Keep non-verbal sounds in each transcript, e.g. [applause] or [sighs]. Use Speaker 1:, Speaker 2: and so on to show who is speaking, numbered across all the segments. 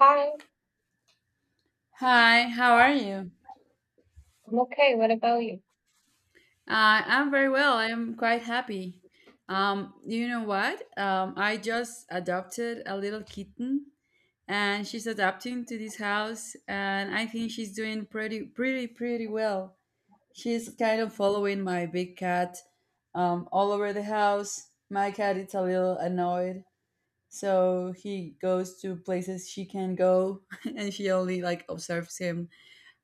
Speaker 1: Hi,
Speaker 2: Hi, how are you?
Speaker 1: I'm okay. What about you?
Speaker 2: I'm very well. I'm quite happy. You know what? I just adopted a little kitten, and she's adapting to this house, and I think she's doing pretty well. She's kind of following my big cat all over the house. My cat is a little annoyed, so he goes to places she can go, [laughs] and she only like observes him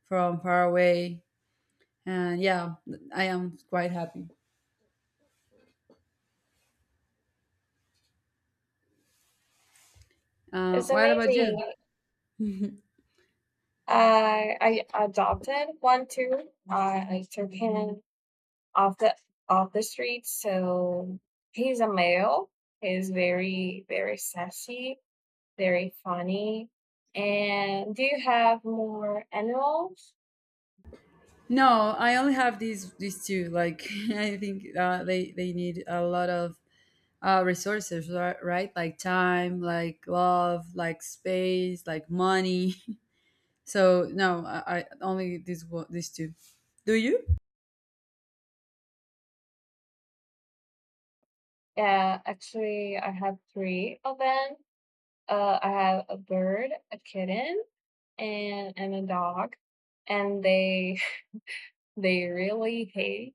Speaker 2: from far away. And yeah, I am quite happy. Uh,
Speaker 1: It's
Speaker 2: what about you?
Speaker 1: amazing. I adopted one too. I took him off the street. So he's a male. He's very very sassy, very funny. And do you have more animals?
Speaker 2: No, I only have these two. Like [laughs] I think they need a lot of resources, right? Like time, like love, like space, like money. [laughs] So no, I only these two. Do you?
Speaker 1: Yeah, actually, I have three of them. I have a bird, a kitten, and a dog, and they really hate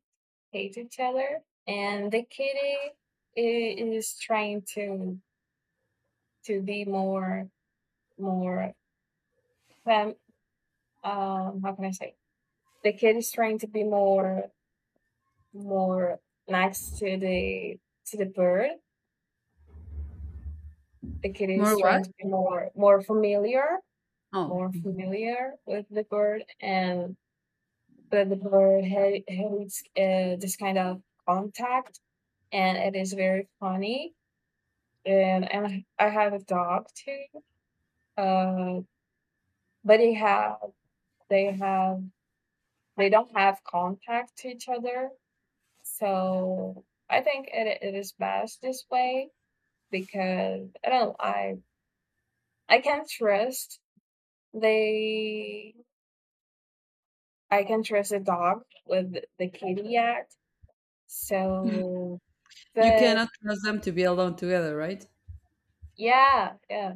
Speaker 1: hate each other, and the kitty is trying to be more fam- how can I say, the kid is trying to be more nice to the bird. The kitty is
Speaker 2: More what?
Speaker 1: trying to be more familiar,
Speaker 2: Oh,
Speaker 1: with the bird, and but the bird hates this kind of contact, and it is very funny. And I have a dog too. Uh, but they have they don't have contact to each other, so I think it is best this way, because I don't I can trust they I can trust a dog with the kitty act. So,
Speaker 2: you
Speaker 1: but
Speaker 2: cannot trust them to be alone together, right?
Speaker 1: yeah, yeah,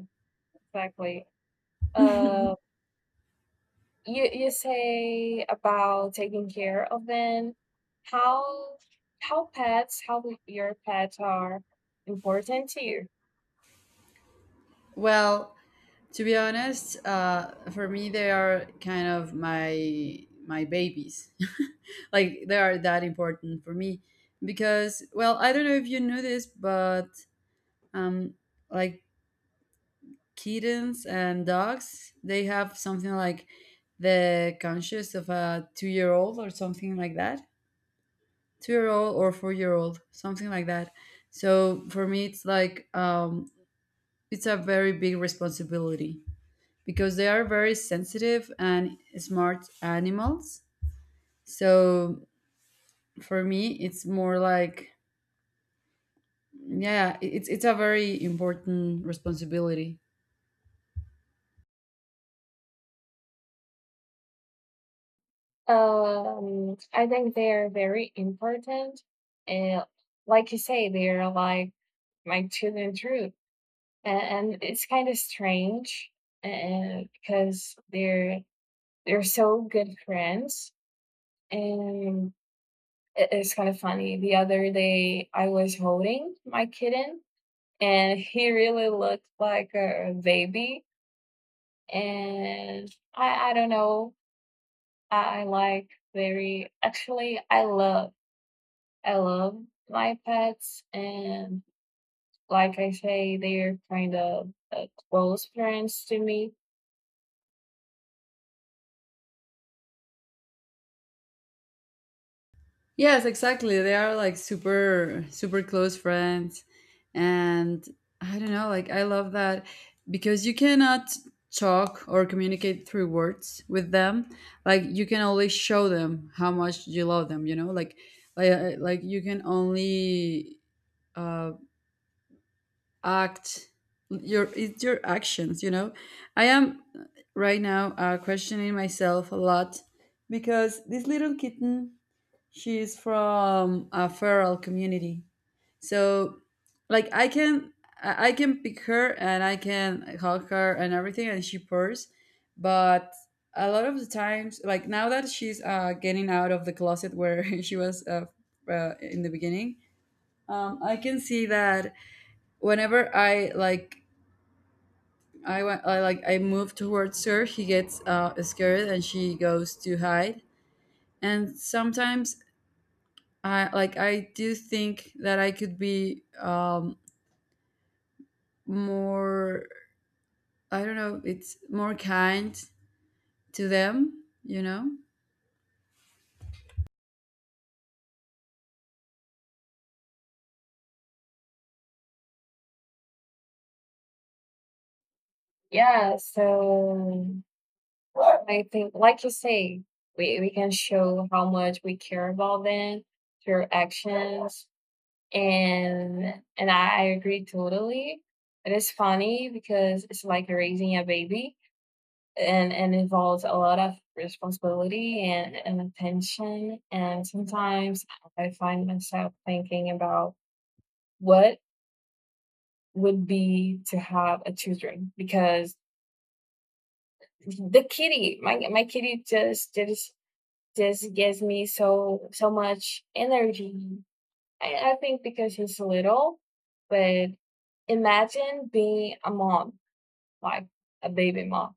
Speaker 1: exactly. Uh,
Speaker 2: [laughs]
Speaker 1: you say about taking care of them, how how your pets are important to you.
Speaker 2: Well, to be honest, for me they are kind of my babies. [laughs] Like they are that important for me because, well, I don't know if you knew this, but um, like, kittens and dogs, they have something like the conscious of a 2-year old or something like that, 2-year old or 4-year old, something like that. So for me, it's like, it's a very big responsibility. Because they are very sensitive and smart animals. So for me, it's more like, yeah, it's a very important responsibility.
Speaker 1: I think they are very important, and, like you say, they are like my tooth and truth, and it's kind of strange, and because they're so good friends, and it's kind of funny. The other day, I was holding my kitten, and he really looked like a baby. And I don't know. I like very actually. I love my pets, and, like I say, they're kind of close friends to me.
Speaker 2: Yes, exactly. They are like super super close friends, and I don't know, like I love that because you cannot talk or communicate through words with them. Like you can only show them how much you love them. You know, like you can only uh act your it's your actions. I am right now questioning myself a lot because this little kitten, she is from a feral community, so like I can pick her and I can hug her and everything, and she purrs. But a lot of the times, like now that she's getting out of the closet where [laughs] she was in the beginning, I can see that whenever I like I went, I like, I move towards her. She gets scared and she goes to hide. And sometimes I do think that I could be more. I don't know. It's more kind to them. You know.
Speaker 1: Yeah. So I think, like you say, we can show how much we care about them through actions, and I agree totally. It is funny because it's like raising a baby, and involves a lot of responsibility, and attention, and sometimes I find myself thinking about what would be to have a children, because the kitty, my kitty, just gives me so much energy. I think because he's little, but imagine being a mom, like a baby mom.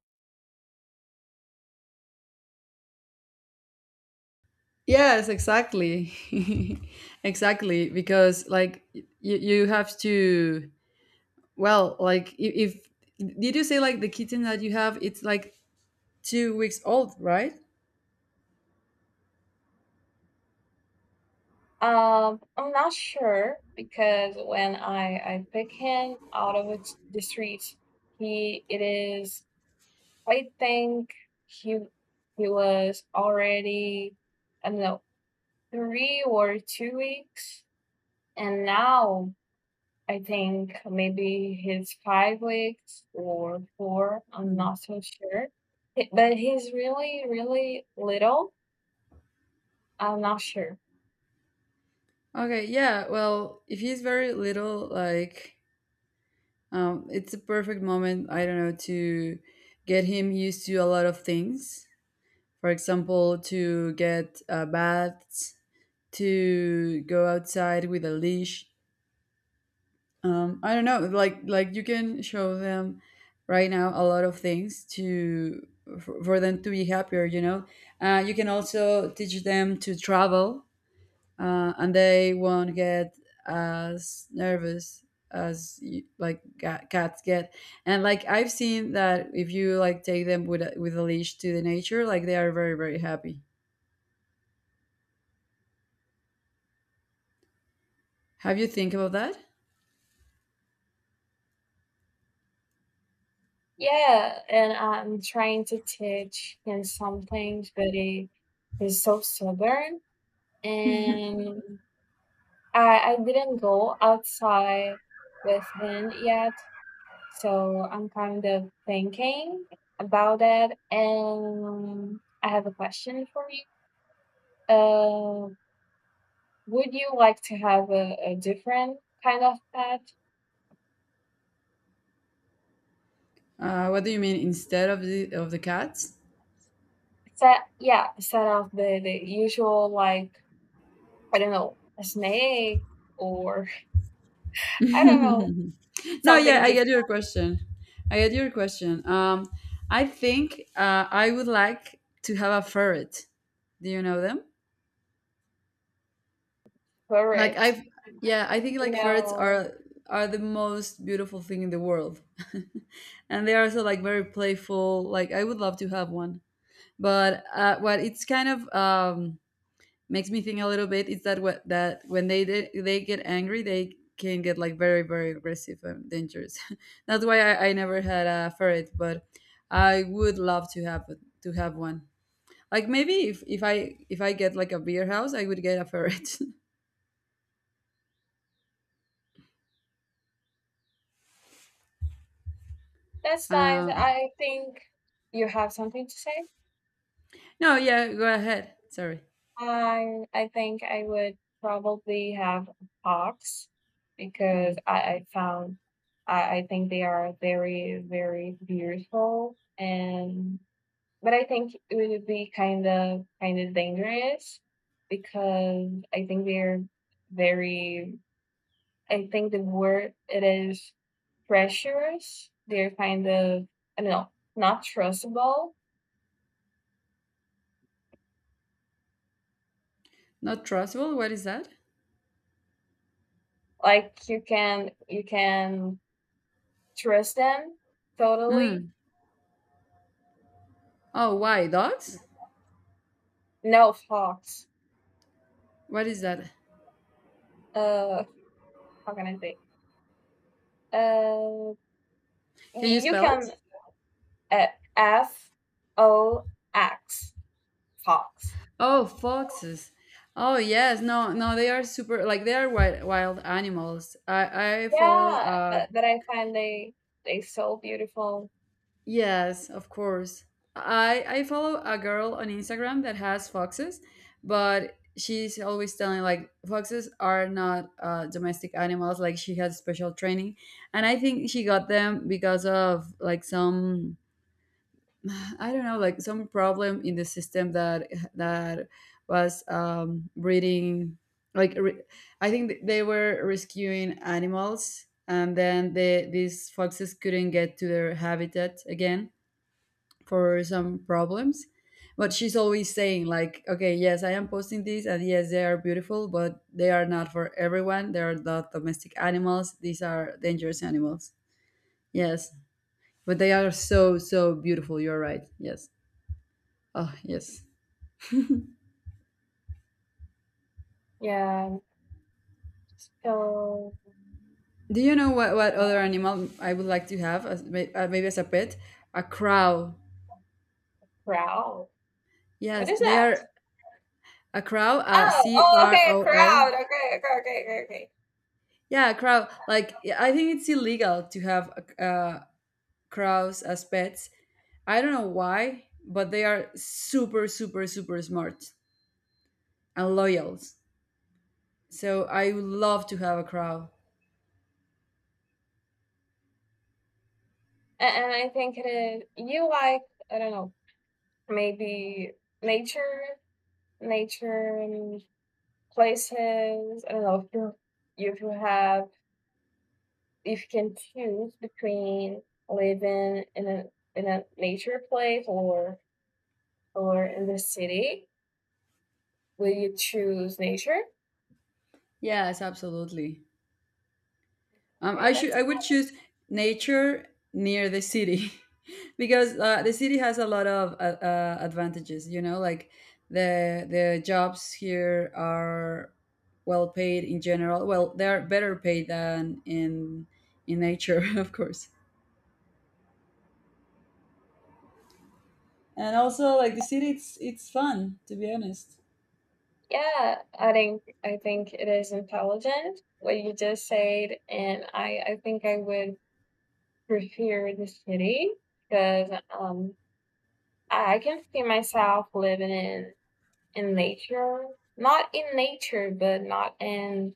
Speaker 2: Yes, exactly. [laughs] Exactly. Because like you have to, well, like, if did you say like the kitten that you have, it's like 2 weeks old, right?
Speaker 1: I'm not sure, because when I pick him out of the streets, he it is. I think he he was already, I don't know, 3 or 2 weeks, and now I think maybe he's 5 weeks or four. I'm not so sure. But he's really, really little. I'm not sure.
Speaker 2: Okay, yeah. Well, if he's very little, like, it's a perfect moment, I don't know, to get him used to a lot of things. For example, to get baths, to go outside with a leash. I don't know, like, you can show them right now a lot of things to, for them to be happier. You know, you can also teach them to travel, and they won't get as nervous as you, like cats get. And like I've seen that if you like take them with a leash to the nature, like they are very very happy. Have you think about that? [laughs]
Speaker 1: Yeah, and I'm trying to teach him some things, but he's so stubborn. And I didn't go outside with him yet. So I'm kind of thinking about it. And I have a question for you. Uh, Would you like to have a different kind of pet?
Speaker 2: What do you mean, instead of the cats?
Speaker 1: Set, yeah, set off the usual, like, I don't know, a snake or
Speaker 2: [laughs]
Speaker 1: [laughs] I don't know,
Speaker 2: No, yeah,
Speaker 1: something
Speaker 2: i get
Speaker 1: different
Speaker 2: your question i get your question I think I would like to have a ferret. Do you know them?
Speaker 1: for
Speaker 2: Like
Speaker 1: it.
Speaker 2: I've yeah, I think like ferrets
Speaker 1: No,
Speaker 2: are the most beautiful thing in the world. [laughs] And they are also like very playful. Like I would love to have one. But what it's kind of, makes me think a little bit, is that, what, that when they did, they get angry, they can get like very very aggressive and dangerous. [laughs] That's why I never had a ferret, but I would love to have one. Like maybe if I get like a beer house, I would get a ferret. [laughs]
Speaker 1: that's nice.
Speaker 2: um,
Speaker 1: I think you have something to say.
Speaker 2: No, yeah, go ahead. Sorry.
Speaker 1: I think I would probably have hawks, because
Speaker 2: Mm.
Speaker 1: I think they are very, very beautiful. And But I think it would be kind of dangerous, because I think they're very. I think the word it is pressures. They're kind of, I don't know, not trustable.
Speaker 2: Not trustable? What is that?
Speaker 1: Like you can trust them totally.
Speaker 2: Mm. Oh, why? Dogs?
Speaker 1: No, fox.
Speaker 2: What is that?
Speaker 1: Uh how can I say? Uh
Speaker 2: Can you
Speaker 1: you
Speaker 2: spell it?
Speaker 1: can, uh, F O X. Fox.
Speaker 2: Oh, foxes. Oh, yes. No, no, they are super, like, they are wild, wild animals. I follow
Speaker 1: Yeah,
Speaker 2: a.
Speaker 1: but I find they so beautiful.
Speaker 2: Yes, of course. I follow a girl on Instagram that has foxes, but she's always telling like foxes are not domestic animals. Like she has special training, and I think she got them because of like some, [sighs] I don't know, like some problem in the system that was, breeding. Like, I think they were rescuing animals, and then these foxes couldn't get to their habitat again for some problems. But she's always saying like, okay, yes, I am posting these, and yes, they are beautiful, but they are not for everyone. They are not domestic animals. These are dangerous animals. Yes. But they are so so beautiful, you're right. Yes. Oh, yes.
Speaker 1: Yeah, I'm just so
Speaker 2: Do you know what, other animal I would like to have as, maybe as a pet? A crow.
Speaker 1: proud. What
Speaker 2: Yes,
Speaker 1: is
Speaker 2: they
Speaker 1: that?
Speaker 2: are. A crow,
Speaker 1: Oh, oh, okay, a
Speaker 2: croa.
Speaker 1: crowd. Okay, okay, okay, okay, okay.
Speaker 2: Yeah, a crow. Like, I think it's illegal to have a, crows as pets. I don't know why, but they are super, super, super smart and loyal. So I would love to have a crow.
Speaker 1: And I think it is, you like, I don't know, maybe nature, and places. I don't know if you have if you can choose between living in a nature place or in the city. Will you choose nature?
Speaker 2: Yes, absolutely.
Speaker 1: Right,
Speaker 2: I should,
Speaker 1: that's
Speaker 2: I would choose nature near the city, [laughs] because the city has a lot of advantages. You know, like the jobs here are well paid in general. Well, they are better paid than in nature, [laughs] of course. And also, like, the city, it's fun, to be honest.
Speaker 1: yeah, I think it is intelligent what you just said, and I think I would prefer the city, because um I can see myself living in nature, not in nature, but not in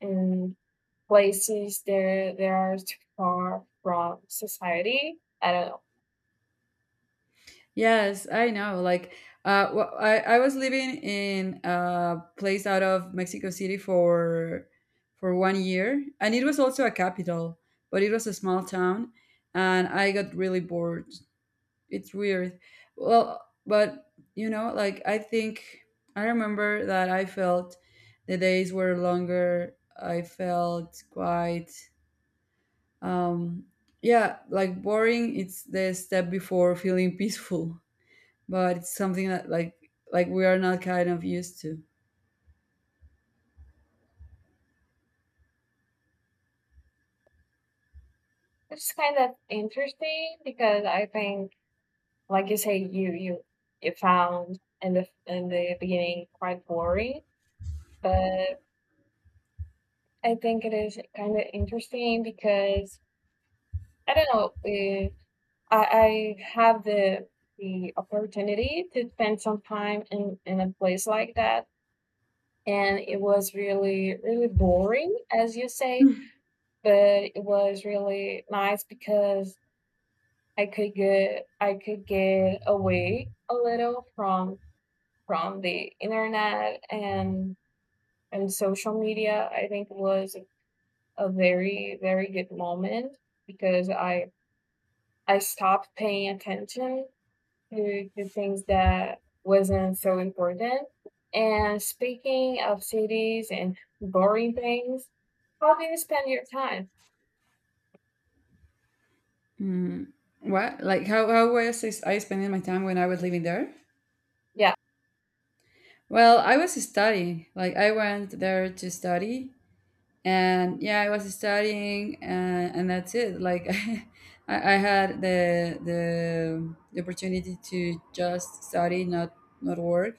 Speaker 1: in places there are too far from society. I don't know.
Speaker 2: Yes, I know. Like, well, I was living in a place out of Mexico City for 1 year, and it was also a capital, but it was a small town, and I got really bored. It's weird. Well, but you know, like, I think I remember that I felt the days were longer. I felt quite, um yeah, like, boring. It's the step before feeling peaceful, but it's something that, like we are not kind of used to.
Speaker 1: It's kind of interesting because I think, like you say, you found, in the beginning, quite boring. But I think it is kind of interesting because I don't know. I I have the opportunity to spend some time in a place like that, and it was really really boring, as you say,
Speaker 2: [laughs]
Speaker 1: but it was really nice because I could get away a little from the internet and social media. I think was a very very good moment, because I stopped paying attention to the things that wasn't so important. And, speaking of cities and boring things, how do you spend your time?
Speaker 2: Mm. What, like, how was I spending my time when I was living there?
Speaker 1: Yeah.
Speaker 2: Well, I was studying. Like, I went there to study, and yeah, I was studying, and that's it, like. [laughs] I had the opportunity to just study, not work.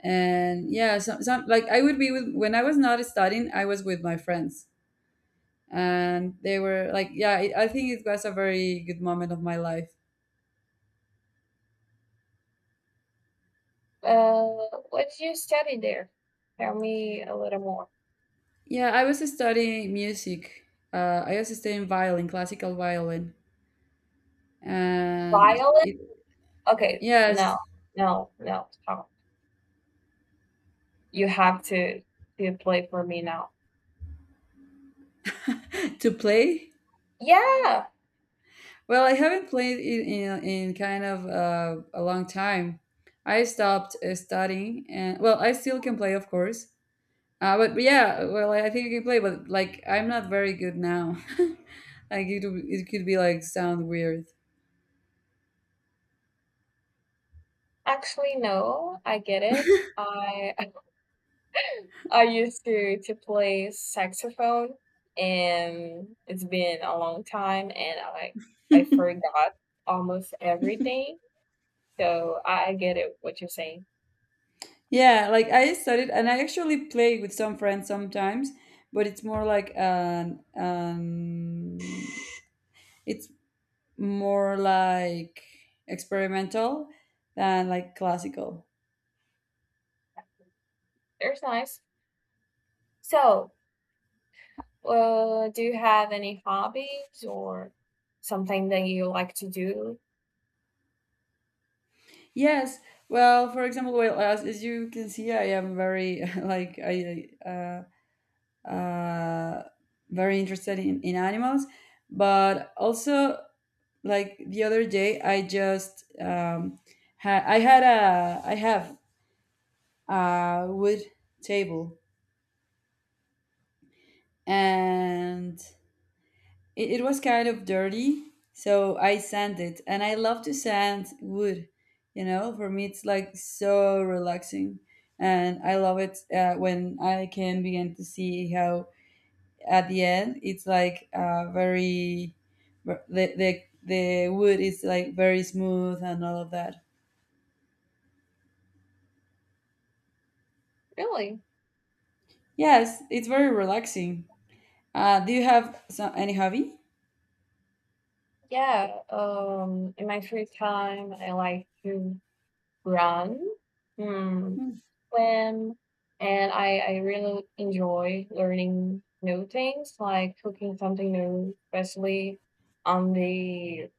Speaker 2: And yeah, so like I would be with, when I was not studying, I was with my friends. And they were like, yeah, I think it was a very good moment of my life.
Speaker 1: uh what did you study there? Tell me a little more.
Speaker 2: Yeah, I was studying music. I was studying violin, classical violin, and
Speaker 1: Violin.
Speaker 2: it.
Speaker 1: Okay.
Speaker 2: Yes.
Speaker 1: No, no, no, stop! You have to play for me now.
Speaker 2: [laughs] To play.
Speaker 1: Yeah.
Speaker 2: Well, I haven't played it in, kind of a long time. I stopped studying, and well, I still can play, of course. But yeah, well, I think I can play, but like, I'm not very good now. [laughs] Like it could be like sound weird.
Speaker 1: Actually, no, I get it. I [laughs] I used to play saxophone, and it's been a long time, and I forgot almost everything. So I get it what you're saying.
Speaker 2: Yeah, like, I studied and I actually play with some friends sometimes, but it's more like an it's more like experimental than like classical.
Speaker 1: There's nice. So, do you have any hobbies or something that you like to do?
Speaker 2: Yes. Well, for example, well, as you can see, I am very, [laughs] like I, uh, very interested in animals. But also, like the other day, I just, had I had a I have a wood table, and it was kind of dirty, so I sanded it, and I love to sand wood. You know, for me, it's like so relaxing, and I love it when I can begin to see how at the end it's like, very, the, the the wood is like very smooth and all of that.
Speaker 1: Really?
Speaker 2: Yes, it's very relaxing. Do you have any hobby?
Speaker 1: Yeah. In my free time, I like to run, mm, swim, and I really enjoy learning new things, like cooking something new, especially on the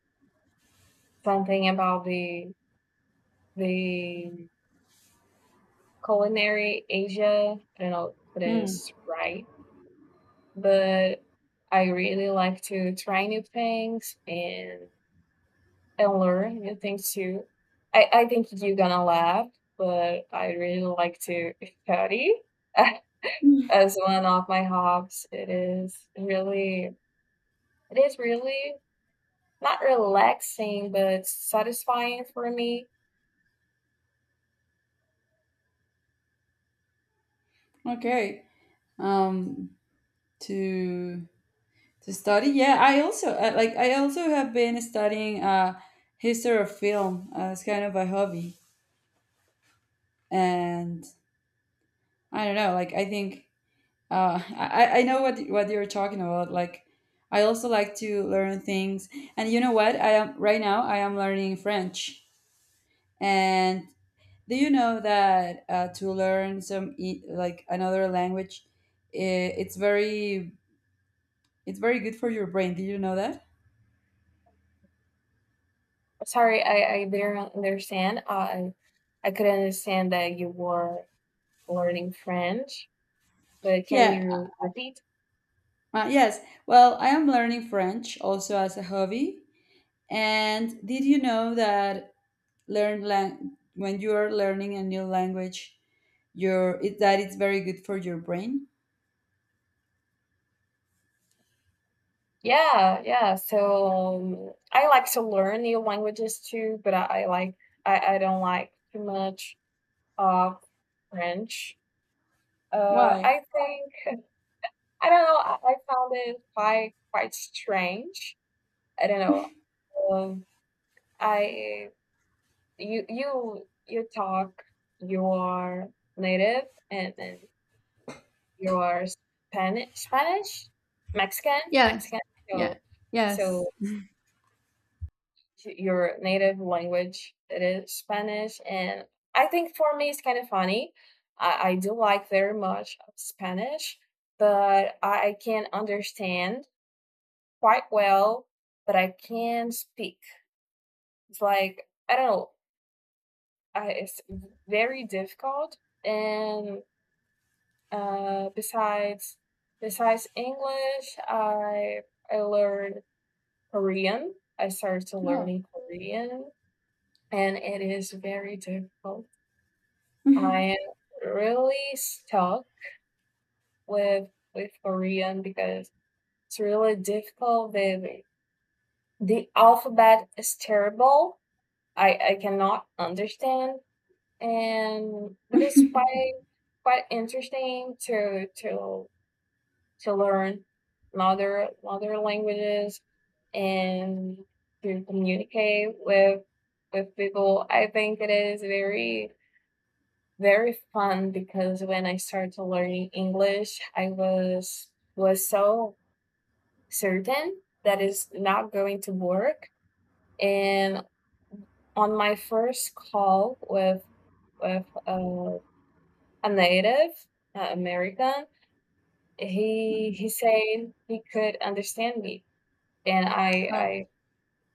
Speaker 1: something about the culinary Asia. I don't know if it
Speaker 2: Mm.
Speaker 1: is right, but I really like to try new things, and learn new things too. I think you're gonna laugh, but I really like to study [laughs] as one of my hobbies. It is really not relaxing but satisfying for me.
Speaker 2: Okay. Um, to to study. Yeah, I also I, like. I also have been studying history of film as kind of a hobby, and I don't know. Like, I think. I know what you're talking about. Like, I also like to learn things, and you know what? I am right now. I am learning French. And do you know that, to learn, some e- like another language, I it's very good for your brain. Did you know that?
Speaker 1: Sorry, I didn't understand. I could understand that you were learning French, but can
Speaker 2: Yeah.
Speaker 1: you repeat?
Speaker 2: Yes. Well, I am learning French also as a hobby. And did you know that, when you are learning a new language, that it's very good for your brain?
Speaker 1: Yeah, yeah. So, I like to learn new languages too, but I don't like too much of French.
Speaker 2: Why?
Speaker 1: I think I don't know. I found it quite strange. I don't know. Um, I you you you talk your native, and then your Spanish, Mexican
Speaker 2: Yes.
Speaker 1: Mexican.
Speaker 2: Yeah.
Speaker 1: So
Speaker 2: Yes.
Speaker 1: so to your native language that is Spanish. And I think for me, it's kind of funny. I do like very much Spanish, but I can understand quite well, but I can't speak. It's like, I don't know, it's very difficult. And, uh, besides, besides English, I learned Korean. I started to
Speaker 2: Oh.
Speaker 1: learning Korean, and it is very difficult. I am really stuck with Korean because it's really difficult. The alphabet is terrible. I cannot understand, and but it's quite interesting to learn another other languages, and to communicate with people. I think it is very very fun because when I started learning English, I was so certain that it's not going to work. And on my first call with a native American, he
Speaker 2: Hmm.
Speaker 1: he said he could understand me, and
Speaker 2: Oh.
Speaker 1: I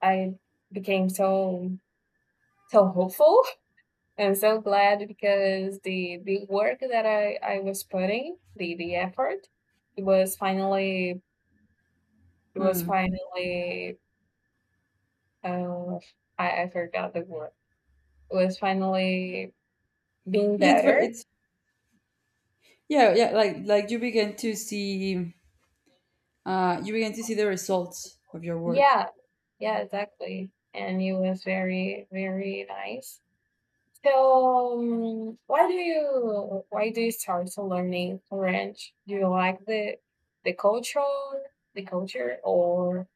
Speaker 1: I I became so hopeful. I'm so glad because the work that I was putting, the effort, it was finally it was
Speaker 2: Hmm.
Speaker 1: finally um I forgot the word. It was finally being
Speaker 2: Yeah, it's, ver-
Speaker 1: better.
Speaker 2: it's yeah, yeah, like you begin to see you begin to see the results of your work.
Speaker 1: Yeah, yeah, exactly. And it was very very nice. So, why do you start to learning French? Do you like the culture, the culture, or,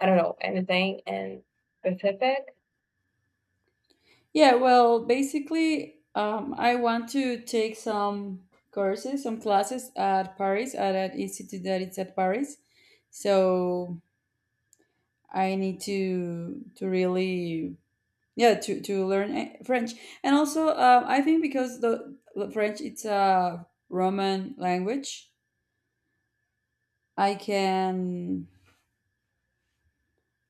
Speaker 1: I don't know, anything in specific.
Speaker 2: Yeah, well, basically, I want to take some courses, some classes at Paris, at an institute that it's at Paris. So I need to really, yeah, to learn, French. And also, I think because the French, it's a Roman language, I can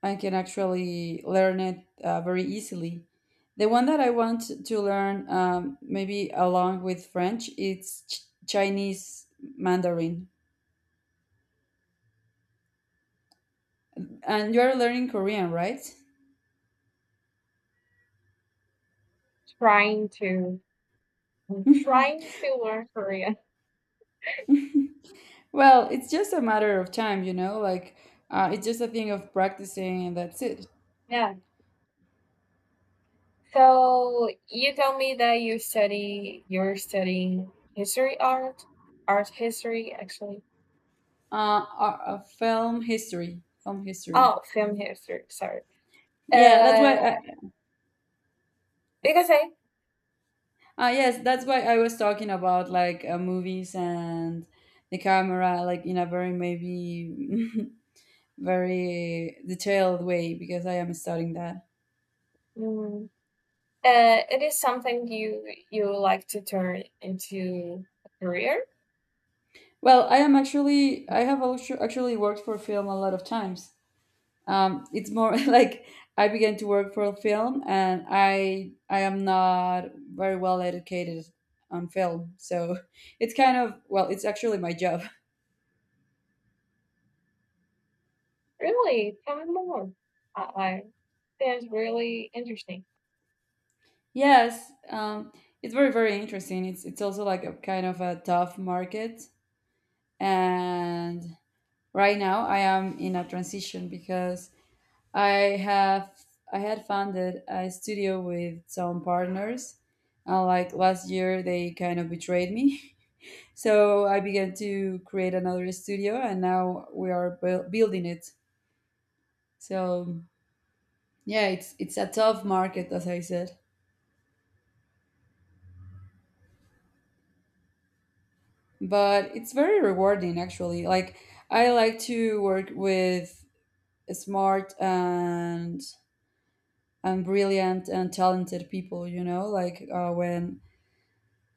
Speaker 2: I can actually learn it very easily. The one that I want to learn, maybe along with French, it's Chinese Mandarin. And you're learning Korean, right?
Speaker 1: Trying to trying to learn Korean.
Speaker 2: [laughs] Well, it's just a matter of time, you know, like, it's just a thing of practicing, and that's it.
Speaker 1: Yeah. So you told me that you're studying art history actually.
Speaker 2: Film history.
Speaker 1: Oh, film history. Sorry.
Speaker 2: Yeah, that's
Speaker 1: Uh,
Speaker 2: why I,
Speaker 1: because
Speaker 2: yes, that's why I was talking about, like, movies and the camera, like, in a very maybe, [laughs] very detailed way, because I am studying that.
Speaker 1: mm, it is something you like to turn into a career.
Speaker 2: Well, I have also actually worked for film a lot of times. It's more, [laughs] like I began to work for film, and I am not very well educated on film, so [laughs] it's kind of, well, it's actually my job. [laughs]
Speaker 1: Really, tell me more. I that's really interesting.
Speaker 2: Yes, it's very very interesting. It's also like a kind of a tough market, and right now I am in a transition because I have I had founded a studio with some partners, and like last year they kind of betrayed me. [laughs] So I began to create another studio, and now we are building it. So yeah, it's a tough market, as I said, but it's very rewarding actually. Like, I like to work with smart and brilliant and talented people. You know, like, when.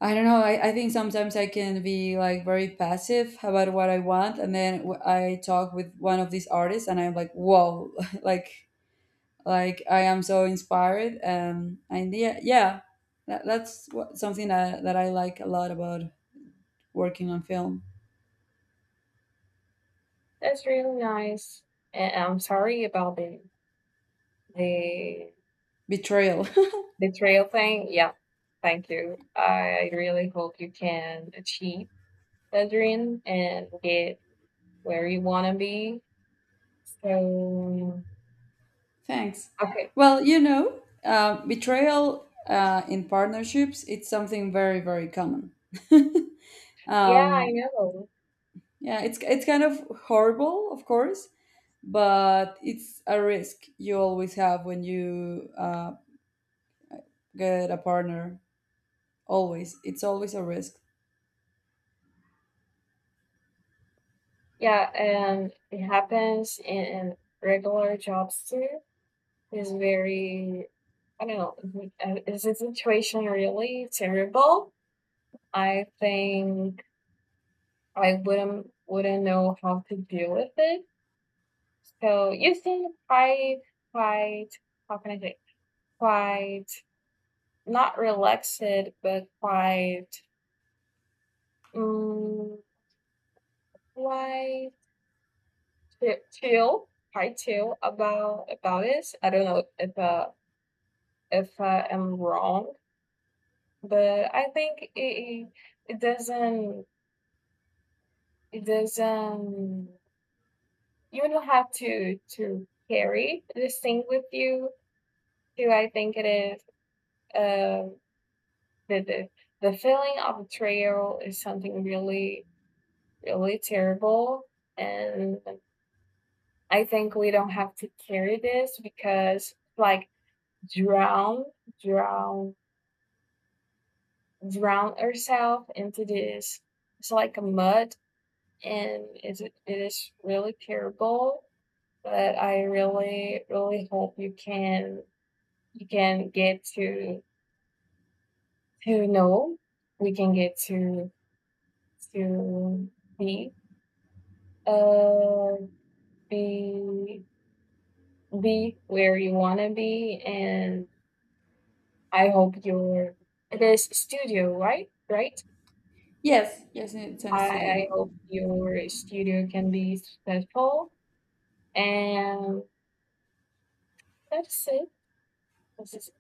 Speaker 2: I don't know. I think sometimes I can be like very passive about what I want, and then I talk with one of these artists, and I'm like, "Whoa!" [laughs] like like I am so inspired. And yeah, yeah, something that I like a lot about working on film.
Speaker 1: That's really nice. And I'm sorry about the
Speaker 2: Betrayal.
Speaker 1: betrayal thing. Yeah, thank you. I really hope you can achieve the dream and get where you want to be. So,
Speaker 2: [laughs] Thanks.
Speaker 1: okay.
Speaker 2: Well, you know, betrayal, in partnerships, it's something very very common.
Speaker 1: Yeah, I
Speaker 2: um,
Speaker 1: know.
Speaker 2: yeah, it's kind of horrible, of course, but it's a risk you always have when you, get a partner. Always It's always a risk.
Speaker 1: Yeah, and it happens in regular jobs too. It's very, I don't know, it- is the situation really terrible? I think I wouldn't know how to deal with it. So you seem quite, how can I say, quite, not relaxed but quite, um, quite chill, about this. I don't know if I am wrong, but I think it doesn't, it doesn't you don't have to carry this thing with you. So I think it is. Um, the, the the feeling of betrayal is something really really terrible, and I think we don't have to carry this, because, like, drown drown drown ourselves into this. It's like a mud, and it is really terrible. But I really really hope you can get to know, we can get to be, Uh, be be where you wanna be. And I hope your it is studio, right? Right?
Speaker 2: Yes, yes. It's a
Speaker 1: I
Speaker 2: studio.
Speaker 1: I hope your studio can be successful, and that's it. This is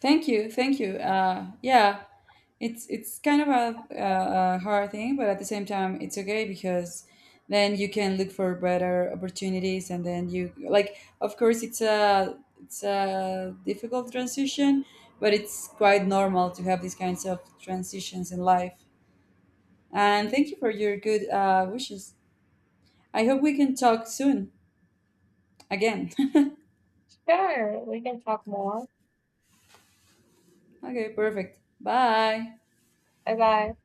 Speaker 2: Thank you, thank you. Yeah, it's kind of a hard thing, but at the same time, it's okay because then you can look for better opportunities, and then you like. Of course, it's a difficult transition, but it's quite normal to have these kinds of transitions in life. And thank you for your good, wishes. I hope we can talk soon again.
Speaker 1: Sure, we can talk more.
Speaker 2: [laughs] Okay, perfect. Bye.
Speaker 1: Bye bye.